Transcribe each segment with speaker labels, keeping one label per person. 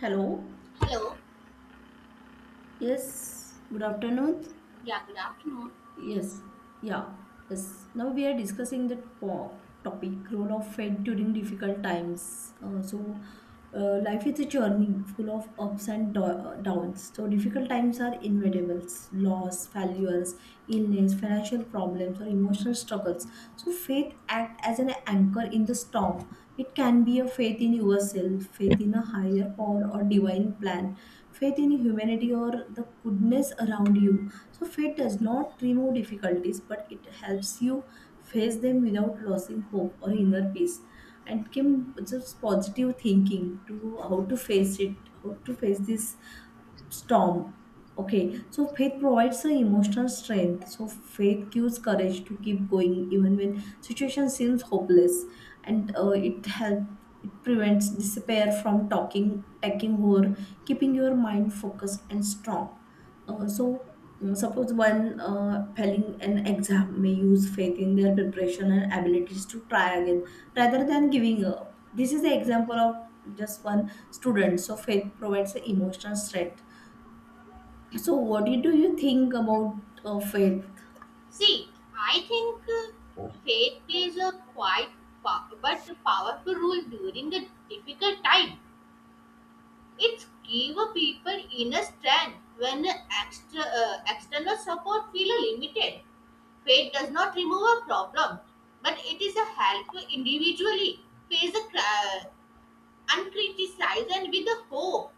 Speaker 1: Hello.
Speaker 2: Hello.
Speaker 1: Yes. Good afternoon.
Speaker 2: Yeah, good afternoon.
Speaker 1: Yes. Yeah. Yes. Now we are discussing the topic role of faith during difficult times. Life is a journey full of ups and downs. So, difficult times are inevitables, loss, failures, illness, financial problems, or emotional struggles. So faith act as an anchor in the storm. It can be a faith in yourself, faith in a higher power or divine plan, faith in humanity or the goodness around you. So faith does not remove difficulties, but it helps you face them without losing hope or inner peace. And Kim, just positive thinking to how to face it, how to face this storm. Okay, so faith provides the emotional strength. So faith gives courage to keep going even when situation seems hopeless, and it prevents despair from talking taking over, keeping your mind focused and strong. Uh, so suppose one failing an exam may use faith in their preparation and abilities to try again rather than giving up. This is the example of just one student. So faith provides the emotional strength, so what do you think about faith?
Speaker 2: See, I think faith plays a quite po- but powerful role during the difficult time. It gives people inner strength when extra, external support feel limited. Faith does not remove a problem, but it is a help to individually face the uncriticized and with the hope.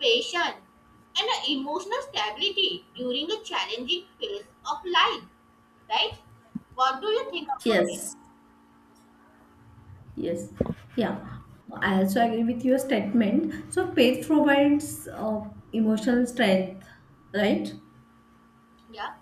Speaker 2: Patience, and a emotional stability during a challenging phase of life, right? What do you think about it?
Speaker 1: Yes, yes, yeah. I also agree with your statement. So, faith provides emotional strength, right?
Speaker 2: Yeah,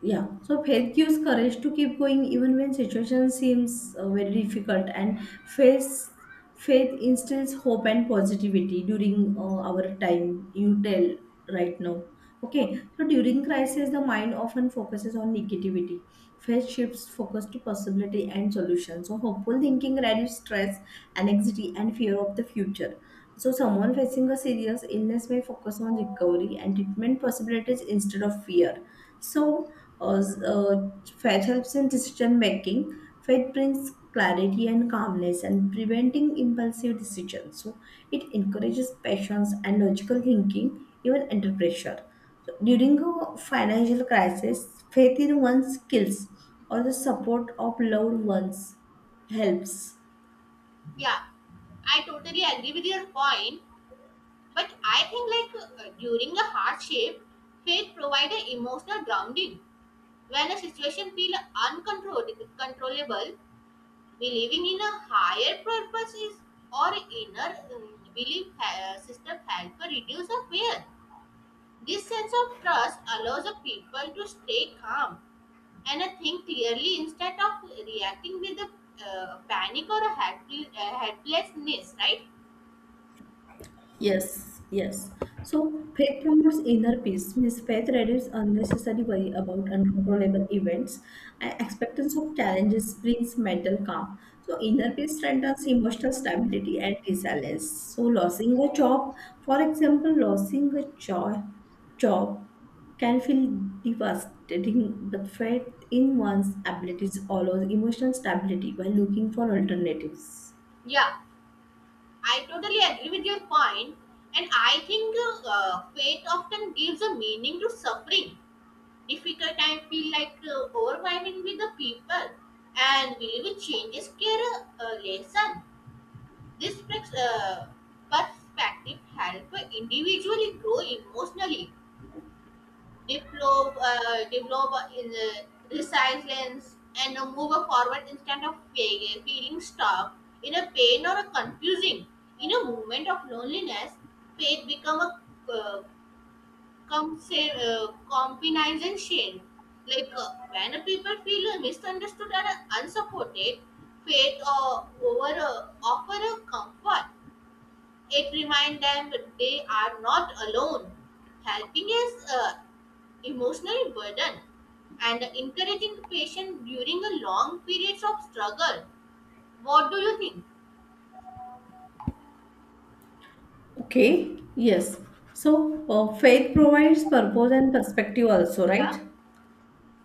Speaker 1: Yeah, so faith gives courage to keep going even when situation seems very difficult, and faith faith instills hope and positivity during our time. You tell right now,
Speaker 2: yeah.
Speaker 1: okay? So during crisis, the mind often focuses on negativity. Faith shifts focus to possibility and solution. So hopeful thinking reduces stress, anxiety, and fear of the future. So someone facing a serious illness may focus on recovery and treatment possibilities instead of fear. So uh, s- uh, Faith helps in decision making. Faith brings clarity and calmness and preventing impulsive decisions. So it encourages patience and logical thinking, even under pressure. So during a financial crisis, faith in one's skills or the support of loved ones helps.
Speaker 2: Yeah, I totally agree with your point, but I think like during a hardship, faith provides an emotional grounding. When a situation feels uncontrollable, believing in a higher purpose is or inner belief system help to reduce our fear. This sense of trust allows a people to stay calm and think clearly instead of reacting with a panic or a helplessness, right?
Speaker 1: Yes, yes. So faith promotes inner peace, means faith reduces unnecessary worry about uncontrollable events and acceptance of challenges brings mental calm. So inner peace strengthens emotional stability and resilience. So losing a job, for example, losing a job, can feel devastating, but faith in one's abilities allows emotional stability by looking for alternatives.
Speaker 2: Yeah, I totally agree with your point, and I think faith often gives a meaning to suffering. Difficult time feel like overwhelming with the people, and believe it changes care a lesson. This perspective help individually grow emotionally develop, develop resilience and move forward instead of feeling stuck in a pain or a confusing. In a moment of loneliness, faith become a uh, compensation. Like when a people feel misunderstood or unsupported, faith over offer a comfort. It reminds them that they are not alone. Helping is emotional burden and encouraging patience during a long periods of struggle. What do you think?
Speaker 1: Okay, yes. So, faith provides purpose and perspective also,
Speaker 2: Yeah,
Speaker 1: right?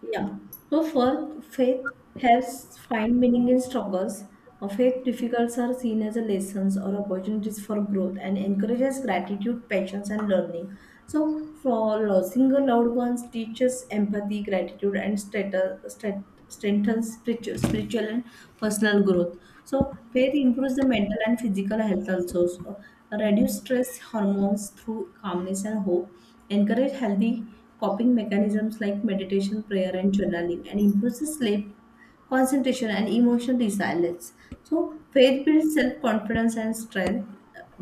Speaker 1: Yeah. So for faith helps find meaning in struggles. Or faith difficulties are seen as a lessons or opportunities for growth and encourages gratitude, patience, and learning. So for losing a loved ones teaches empathy, gratitude, and strengthens spiritual and personal growth. So faith improves the mental and physical health also. So, reduce stress hormones through calmness and hope. Encourage healthy coping mechanisms like meditation, prayer, and journaling, and improves sleep, concentration, and emotional resilience. So, faith builds self confidence and strength.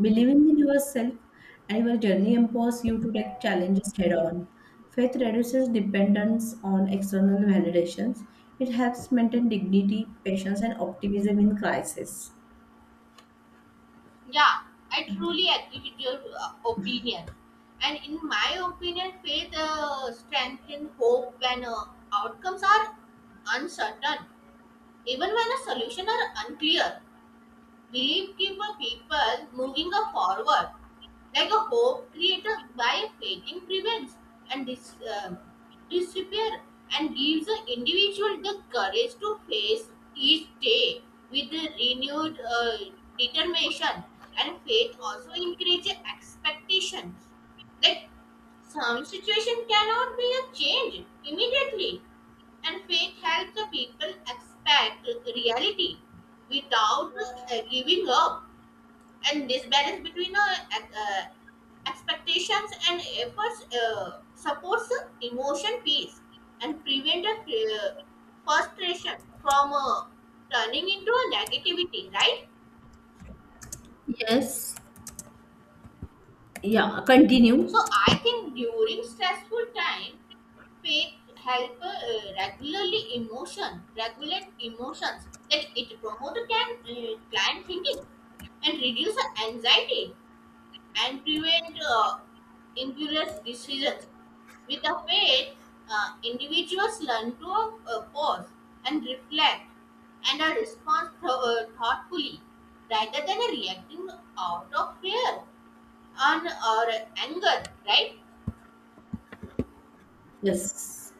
Speaker 1: Believing in yourself and your journey empowers you to take challenges head on. Faith reduces dependence on external validations. It helps maintain dignity, patience, and optimism in crisis.
Speaker 2: yeah, I truly agree with your opinion. And in my opinion, faith strengthens hope when outcomes are uncertain, even when a solution are unclear. Belief gives a people moving a forward, like a hope created by faithing prevents and disappear and gives the individual the courage to face each day with a renewed determination. And faith also encourages expectations. Like some situation cannot be a change immediately, and faith helps the people expect reality without giving up. And this balance between expectations and efforts supports emotion peace and prevent frustration from turning into a negativity, right?
Speaker 1: Yes. Yeah,
Speaker 2: So
Speaker 1: continue.
Speaker 2: I think during stressful time, faith help regularly emotion regulate emotions that it promote can client thinking and reduce the anxiety and prevent impulse decisions with the faith individuals learn to pause and reflect and are respond thoughtfully rather than reacting out of fear on or anger, right?
Speaker 1: Yes.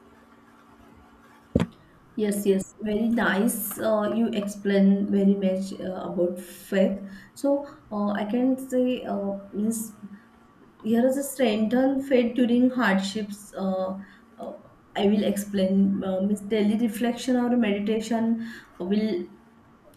Speaker 1: Yes, yes, very nice. You explain very much about faith. So I can say means here is a strengthened faith during hardships. Uh, I will explain. Means daily reflection or meditation will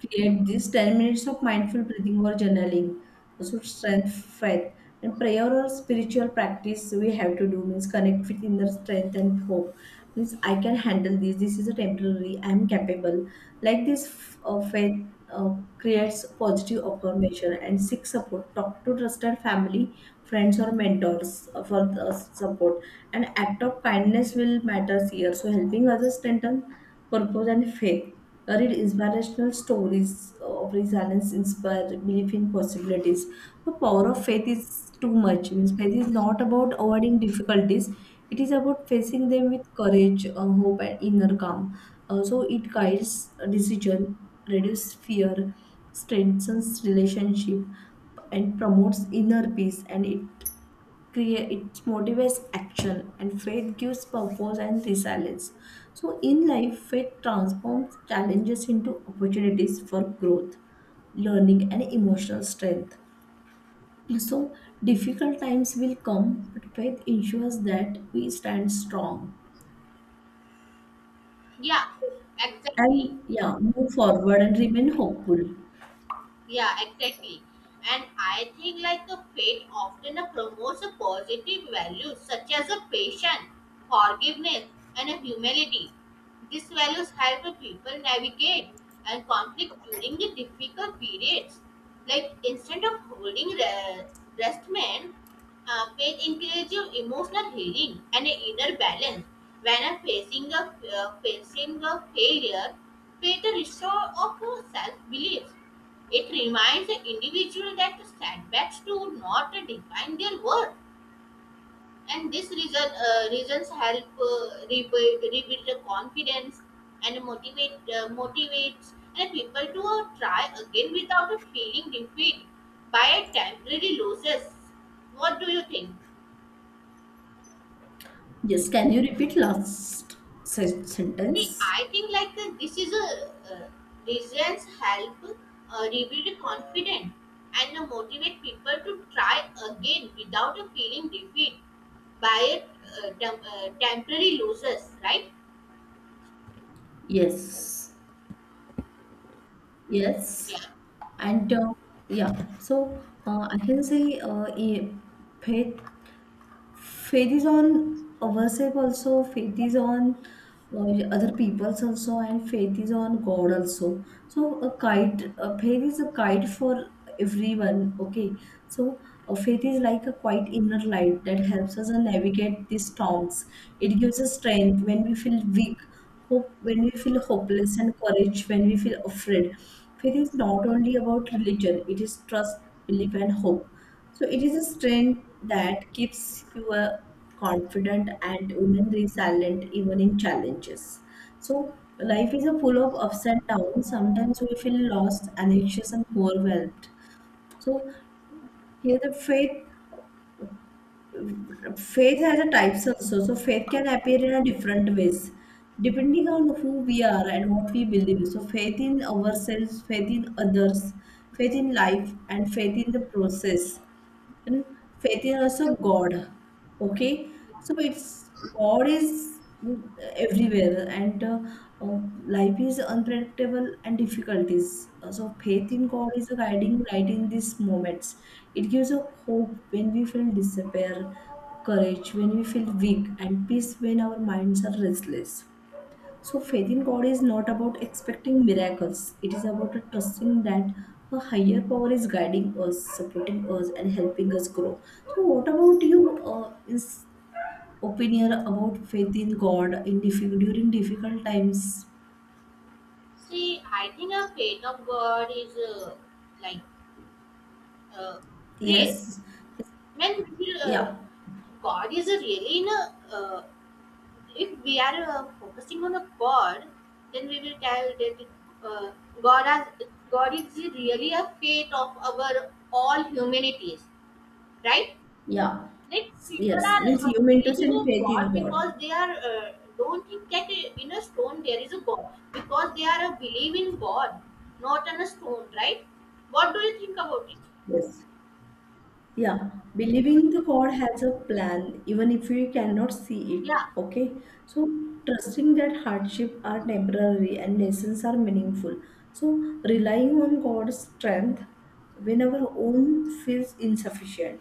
Speaker 1: create these 10 minutes of mindful breathing or journaling. So strength, faith, and prayer or spiritual practice we have to do means connect with inner strength and hope. Means I can handle this. This is a temporary. I am capable. Like this, faith creates positive affirmation and seek support. Talk to trusted family friends or mentors for the support. An act of kindness will matters here. So helping others strengthen purpose and faith. Read inspirational stories of resilience, inspire belief in possibilities. The power of faith is too much. Means faith is not about avoiding difficulties, it is about facing them with courage, hope, and inner calm. So it guides a decision, reduces fear, strengthens relationship, and promotes inner peace. And create it motivates action, and faith gives purpose and resilience. So in life, faith transforms challenges into opportunities for growth, learning, and emotional strength. So, difficult times will come, but faith ensures that we stand strong
Speaker 2: Yeah, exactly.
Speaker 1: and, yeah, move forward and remain hopeful.
Speaker 2: Yeah, exactly. And I think like the faith often promotes a positive values such as a patience, forgiveness, and a humility. These values help the people navigate and conflict during the difficult periods. Like instead of holding resentment, faith encourages emotional healing and an inner balance. When I'm facing a failure, faith restore of self belief. It reminds the individual that the setbacks do not define their worth, and this reason reasons help rebuild the confidence and motivate motivates and people to try again without a feeling defeat by a temporary losses. What do you think?
Speaker 1: Yes, can you repeat last
Speaker 2: See,
Speaker 1: sentence?
Speaker 2: I think like this is a reasons help rebuild confidence and motivate people to try again without a feeling defeat by temporary losses, right?
Speaker 1: Yes, yes,
Speaker 2: Yeah.
Speaker 1: and yeah. So I can say faith, faith is on ourselves, also faith is on other peoples, also and faith is on God also. So a kite, a faith is a kite for everyone. Okay, so faith is like a quiet inner light that helps us navigate these storms. It gives us strength when we feel weak, hope when we feel hopeless, and courage when we feel afraid. Faith is not only about religion, it is trust, belief and hope. So it is a strength that keeps you confident and women resilient even in challenges. So life is a full of ups and downs. Sometimes we feel lost, anxious, and overwhelmed. So here the faith has a types also. So faith can appear in a different ways, depending on who we are and what we believe. So faith in ourselves, faith in others, faith in life, and faith in the process. And faith is also God. Okay, so it's God is everywhere, and uh, life is unpredictable and difficulties. So faith in God is a guiding light in these moments. It gives a hope when we feel despair, courage when we feel weak, and peace when our minds are restless. So, faith in God is not about expecting miracles. It is about a trusting that a higher power is guiding us, supporting us, and helping us grow. So, what about you? Is opinion about faith in God in difficult during difficult times?
Speaker 2: See, I think a faith of God is like uh, prayer.
Speaker 1: Yes.
Speaker 2: When
Speaker 1: Yeah.
Speaker 2: God is a really in if we are focusing on a God, then we will tell that uh, God has God is really a fate of our all humanities, right?
Speaker 1: Yeah.
Speaker 2: Like people
Speaker 1: Yes. Means
Speaker 2: are
Speaker 1: you mean to say
Speaker 2: believing in
Speaker 1: faith in
Speaker 2: God because
Speaker 1: God.
Speaker 2: they are don't think that in a stone there is a God because they are a believe in God, not on a stone, right? What do you think about it?
Speaker 1: Yes. Yeah, believing the God has a plan, even if we cannot see it.
Speaker 2: Yeah,
Speaker 1: Okay, so trusting that hardship are temporary and lessons are meaningful. So relying on God's strength when our own feels insufficient.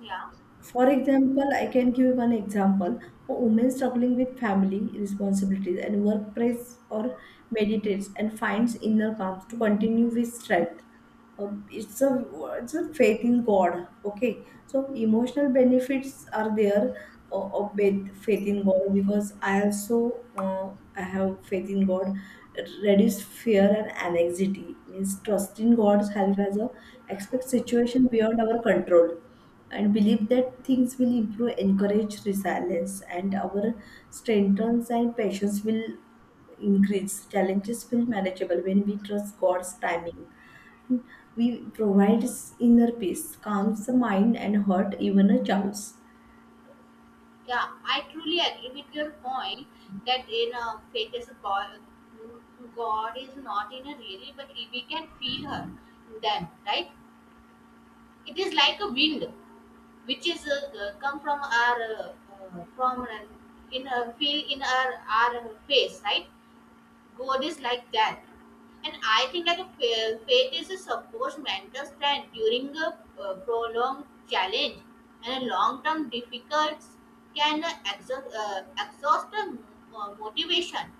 Speaker 2: yeah,
Speaker 1: For example, I can give one example: a woman struggling with family responsibilities and work press or meditates and finds inner calm to continue with strength. Um, it's a faith in God, okay. So emotional benefits are there of faith, faith in God, because I also, I have faith in God. It reduce fear and anxiety means trust in God's help as a expect situation beyond our control, and believe that things will improve encourage resilience, and our strengths and patience will increase. Challenges will manageable when we trust God's timing. We provides inner peace, calms the mind and heart, even a child's.
Speaker 2: yeah. I truly agree with your point that in a faith is a God. God is not in a really, but we can feel her. Then, right? It is like a wind, which is come from our prominent in a feel in our face, right? God is like that. And I think like a faith is a supposed mental strength during a prolonged challenge, and a long term difficulties can exhaust the motivation.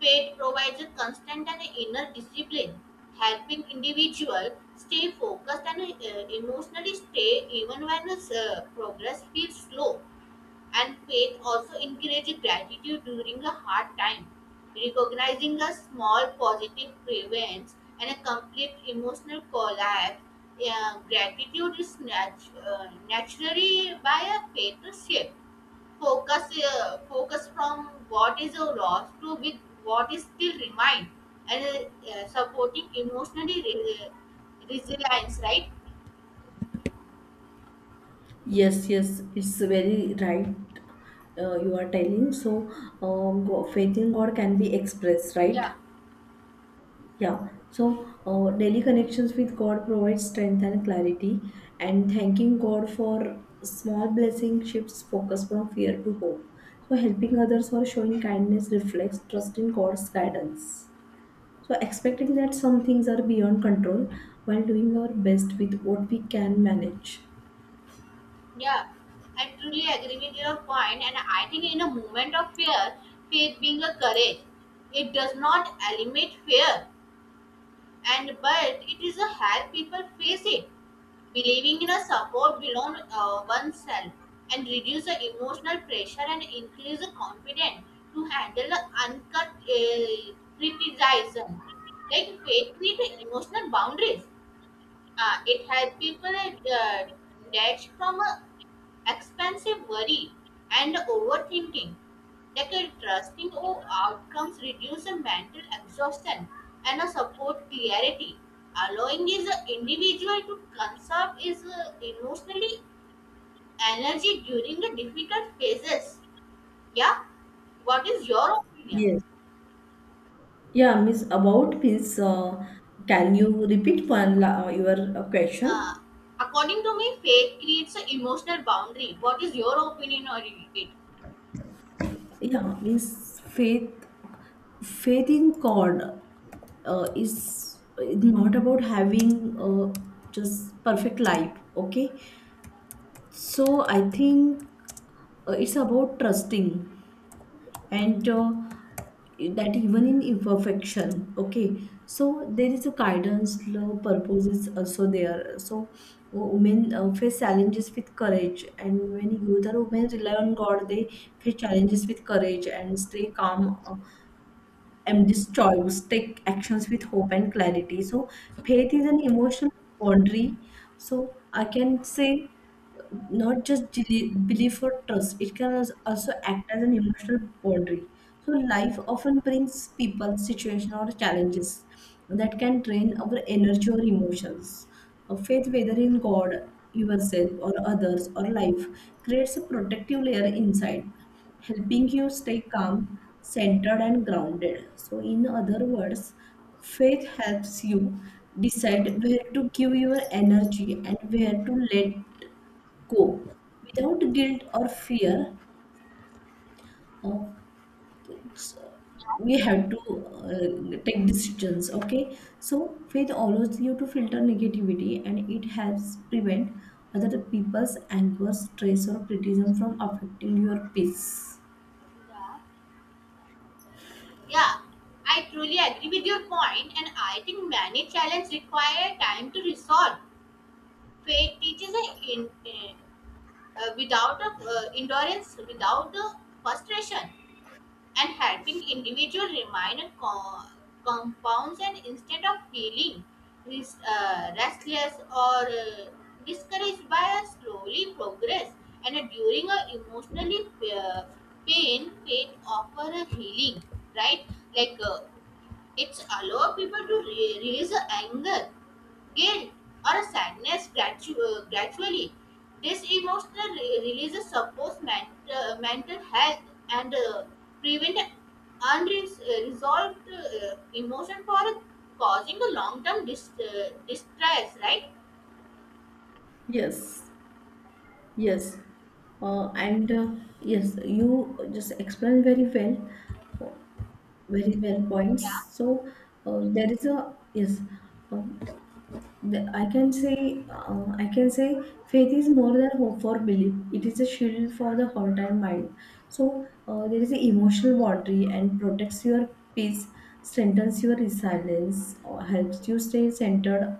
Speaker 2: Faith provides a constant and inner discipline, helping individual stay focused and emotionally stay even when progress feels slow. And faith also encourages gratitude during a hard time. Recognizing a small positive prevents and a complete emotional collapse. Gratitude is naturally by a faith shape focus focus from what is lost to with what is still remain and supporting emotionally resilience, right?
Speaker 1: Yes, yes, it's very right. You are telling so. Faith in God can be expressed, right?
Speaker 2: Yeah.
Speaker 1: Yeah. So daily connections with God provide strength and clarity, and thanking God for small blessings shifts focus from fear to hope. So helping others or showing kindness reflects trust in God's guidance. So, expecting that some things are beyond control while doing our best with what we can manage.
Speaker 2: Yeah, I truly agree with your point, and I think in a moment of fear faith being a courage. It does not eliminate fear, and but it is a help people face it. Believing in a support beyond oneself and reduce the emotional pressure and increase the confidence to handle the uncut criticism. Like faith creates emotional boundaries. It helps people uh, detach from a expensive worry and overthinking. Like a trusting of outcomes reduce a mental exhaustion and a support clarity. Allowing is a individual to conserve his emotionally energy during the difficult phases. Yeah, what is your opinion?
Speaker 1: Yes. Yeah, Miss, about Miss, can you repeat one your
Speaker 2: Uh,
Speaker 1: question?
Speaker 2: According to me, faith creates an emotional boundary. What is your opinion on it?
Speaker 1: Yeah, means faith, faith in God is not about having just perfect life. Okay, so I think it's about trusting, and that even in imperfection. Okay, so there is a guidance, love, purpose is also there. So women face challenges with courage, and when youth or women rely on God, they face challenges with courage and stay calm. Am destroys take actions with hope and clarity. So faith is an emotional boundary. So I can say, not just belief or trust, it can also act as an emotional boundary. So life often brings people situation or challenges that can drain our energy or emotions. A faith, whether in God, yourself or others or life, creates a protective layer inside, helping you stay calm, centered, and grounded. So, in other words, faith helps you decide where to give your energy and where to let go without guilt or fear. Of we have to take decisions. Okay, so faith allows you to filter negativity, and it helps prevent other people's anger, stress or criticism from affecting your peace.
Speaker 2: Yeah. Yeah, I truly agree with your point, and I think many challenges require time to resolve. Faith teaches a in, without a, endurance, without a frustration, and helping individual remain a compounds and instead of feeling restless or discouraged by a slowly progress and a, during a emotionally uh, pain, faith offer a healing, right? Like it's allow people to release the anger, guilt, or sadness gradually. This emotional release supports mental health and prevent unresolved emotion for causing a long-term distress, right?
Speaker 1: Yes. Yes, and yes, you just explained very well, uh, very well
Speaker 2: Yeah.
Speaker 1: points. So there is a, yes. um I can say, faith is more than hope for belief. It is a shield for the heart and mind. So there is an emotional boundary and protects your peace, strengthens your resilience, or helps you stay centered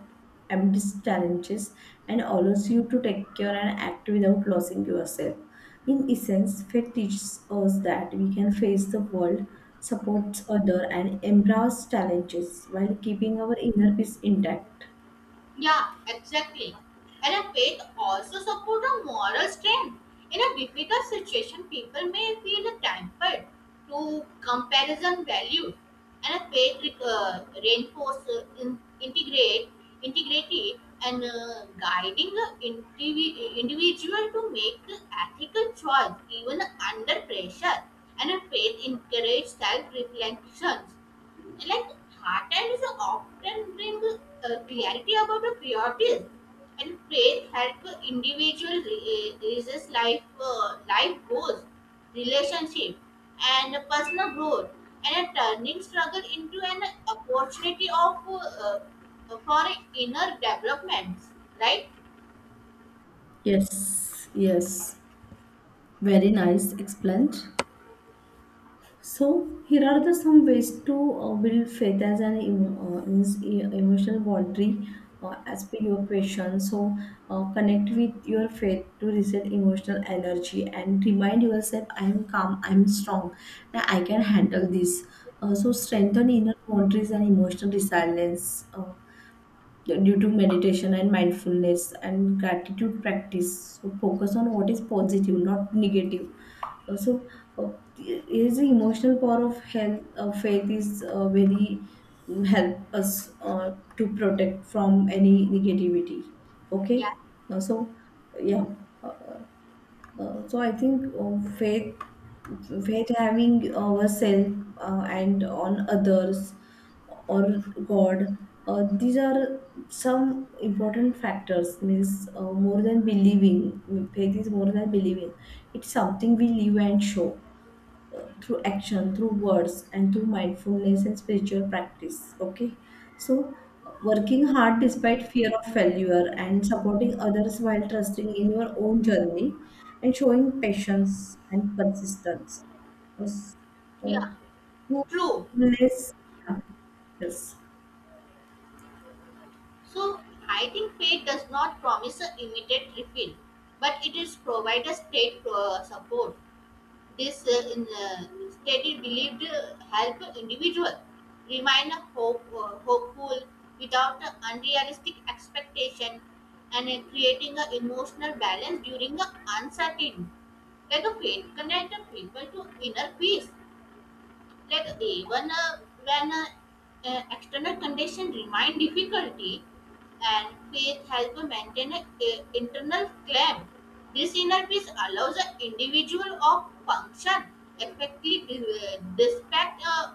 Speaker 1: amidst challenges, and allows you to take care and act without losing yourself. In essence, faith teaches us that we can face the world, support other, and embrace challenges while keeping our inner peace intact.
Speaker 2: Yeah, exactly. And a faith also supports a moral strength. In a difficult situation, people may feel tempered to comparison values, and a faith reinforces integrate integrity and guiding the individual to make ethical choice even under pressure. And a faith encourages self-reflection like heartland is often bring clarity about the priorities and faith help individual raises life life goals relationship and personal growth and a turning struggle into an opportunity of for inner developments, right?
Speaker 1: Yes, yes. Very nice explained. So here are the some ways to build faith as an means emotional boundary as per your question. So connect with your faith to reset emotional energy and remind yourself, I am calm, I am strong, and I can handle this. So strengthen inner boundaries and emotional resilience. Due to meditation and mindfulness and gratitude practice. So focus on what is positive, not negative. Uh, So uh, is the emotional power of health faith is very help us to protect from any negativity. Okay.
Speaker 2: Yeah.
Speaker 1: So yeah. uh, so I think faith having ourselves and on others or God, these are some important factors. Means more than believing, faith is more than believing. It's something we live and show through action, through words, and through mindfulness and spiritual practice. Okay, so working hard despite fear of failure and supporting others while trusting in your own journey and showing patience and persistence. Yes.
Speaker 2: yeah
Speaker 1: Uh, Through
Speaker 2: true.
Speaker 1: mindfulness, yeah, yes.
Speaker 2: So I think faith does not promise a immediate refill, but it is provide a state support. This study believed help individual remain hopeful without unrealistic expectation and creating an emotional balance during the uncertainty, like a faith connect the people to inner peace, like even when external conditions remain difficulty and faith helps maintain an internal claim. This inner peace allows an individual of function effectively despite uh,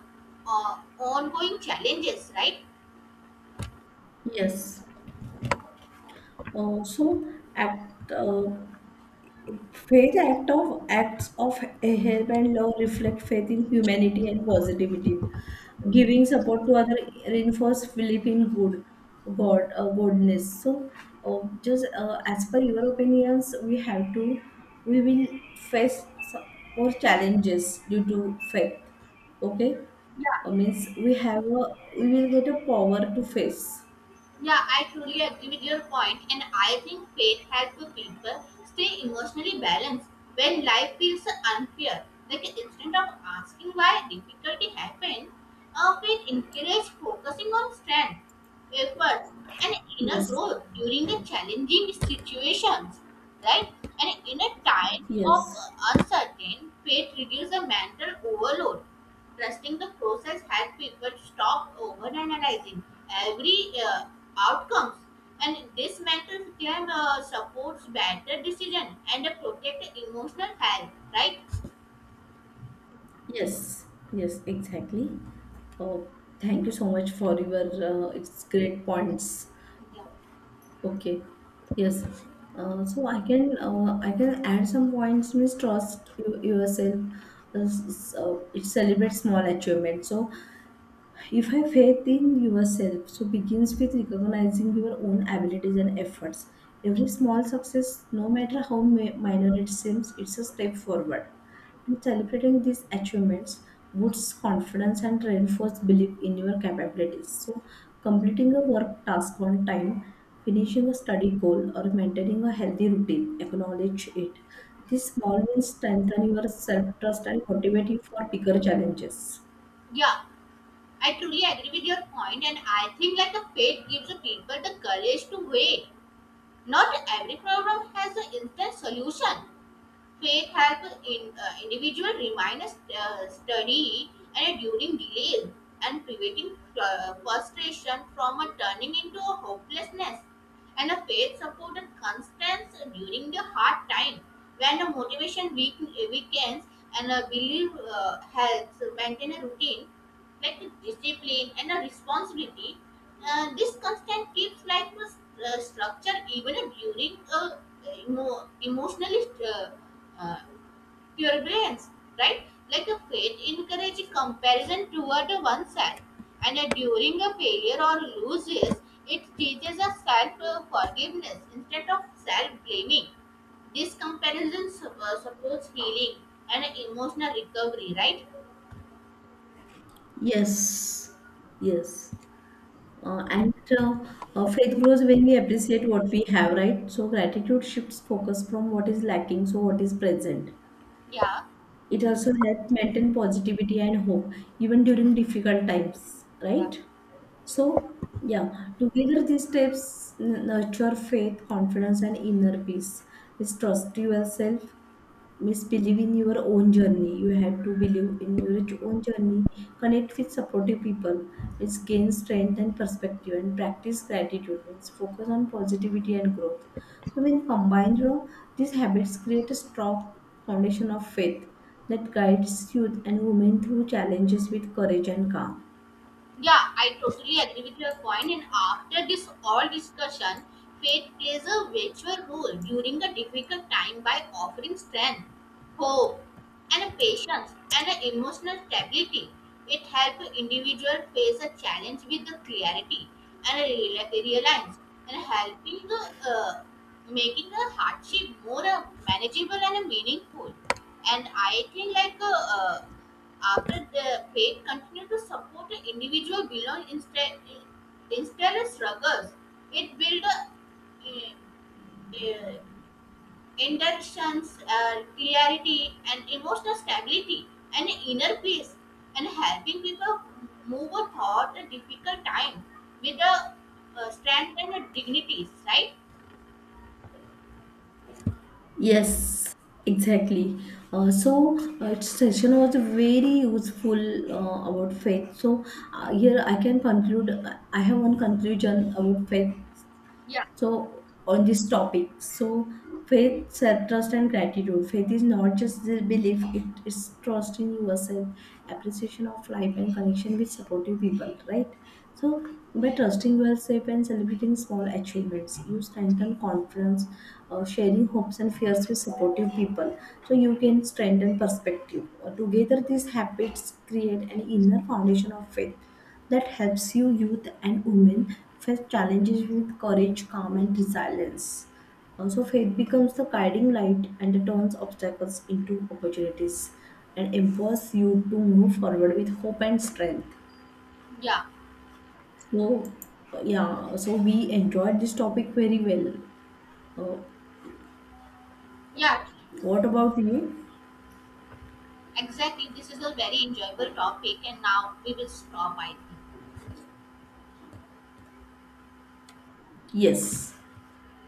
Speaker 2: uh, ongoing challenges, right?
Speaker 1: Yes. So, at uh, Faith acts of help and love reflect faith in humanity and positivity. Giving support to other reinforce belief in good God goodness. So just as per your opinions, we have to we will face some more challenges due to faith. Okay. Means we will get a power to face.
Speaker 2: Yeah, I truly agree with your point, and I think faith helps people stay emotionally balanced when life feels unfair. Like instead of asking why difficulty happened, faith encourages focusing on strength, effort, and inner
Speaker 1: Yes.
Speaker 2: growth during the challenging situations. Right? And in a times of
Speaker 1: Yes.
Speaker 2: uncertain, faith reduces the mental overload. Trusting the process helps people stop overanalyzing every outcomes and this mental claim supports better decision and protect emotional health, right?
Speaker 1: Yes, yes, exactly. Oh, thank you so much for your it's great points.
Speaker 2: Yeah.
Speaker 1: Okay, yes. So I can add some points. Mistrust you, yourself. It celebrates small achievements. So if have faith in yourself, so begins with recognizing your own abilities and efforts. Every small success, no matter how minor it seems, it's a step forward. And celebrating these achievements boosts confidence and reinforces belief in your capabilities. So, completing a work task on time, finishing a study goal, or maintaining a healthy routine, acknowledge it. These small wins strengthen your self trust and motivate you for bigger challenges.
Speaker 2: Yeah, I truly agree with your point, and I think like the faith gives the people the courage to wait. Not every problem has an instant solution. Faith helps in individual remain steady and during delays and preventing frustration from turning into a hopelessness. And a faith supported constance during the hard time when the motivation weakens and a belief helps maintain a routine like a discipline and a responsibility. This constant keeps like a structure even during emotionally uh, uh, turbulence, right? Like a faith encourages comparison toward oneself, and during a failure or loses, it teaches us self forgiveness instead of self blaming. This comparison supports healing and emotional recovery, right?
Speaker 1: Yes, yes. And Faith grows when we appreciate what we have, right? So gratitude shifts focus from what is lacking to what is present.
Speaker 2: Yeah,
Speaker 1: It also helps maintain positivity and hope, even during difficult times,
Speaker 2: yeah.
Speaker 1: right? So, yeah, together these steps nurture faith, confidence, and inner peace. Let's trust yourself, misbelieve in your own journey. You have to believe in your own journey. Connect with supportive people. It's gain strength and perspective and practice gratitude means focus on positivity and growth. So when combined, you know, these habits create a strong foundation of faith that guides youth and women through challenges with courage and calm.
Speaker 2: Yeah, I totally agree with your point. And after this all discussion, faith plays a virtual role during the difficult time by offering strength, hope, and a patience and an emotional stability. It helps individual face a challenge with the clarity and a reliance and helping the uh, making the hardship more manageable and meaningful. And I think like after the faith continue to support the individual beyond instead instead of struggles, it build. A, uh, uh, inductions, clarity, and emotional stability, and inner peace, and helping people move through a difficult time with a strength and a dignity, right?
Speaker 1: Yes, exactly. Session was very useful about faith. So here I can conclude. I have one conclusion about faith, so on this topic. So faith self-trust and gratitude, faith is not just the belief, it is trust in yourself, appreciation of life and connection with supportive people, right? So by trusting yourself and celebrating small achievements you strengthen confidence. Sharing hopes and fears with supportive people, so you can strengthen perspective. Together these habits create an inner foundation of faith that helps you youth and women face challenges with courage, calm, and resilience. Also, faith becomes the guiding light and turns obstacles into opportunities and empowers you to move forward with hope and strength.
Speaker 2: Yeah,
Speaker 1: So, yeah, so we enjoyed this topic very well. Uh,
Speaker 2: yeah,
Speaker 1: what about you?
Speaker 2: exactly. This is a very enjoyable topic, and now we will stop, I think.
Speaker 1: Yes.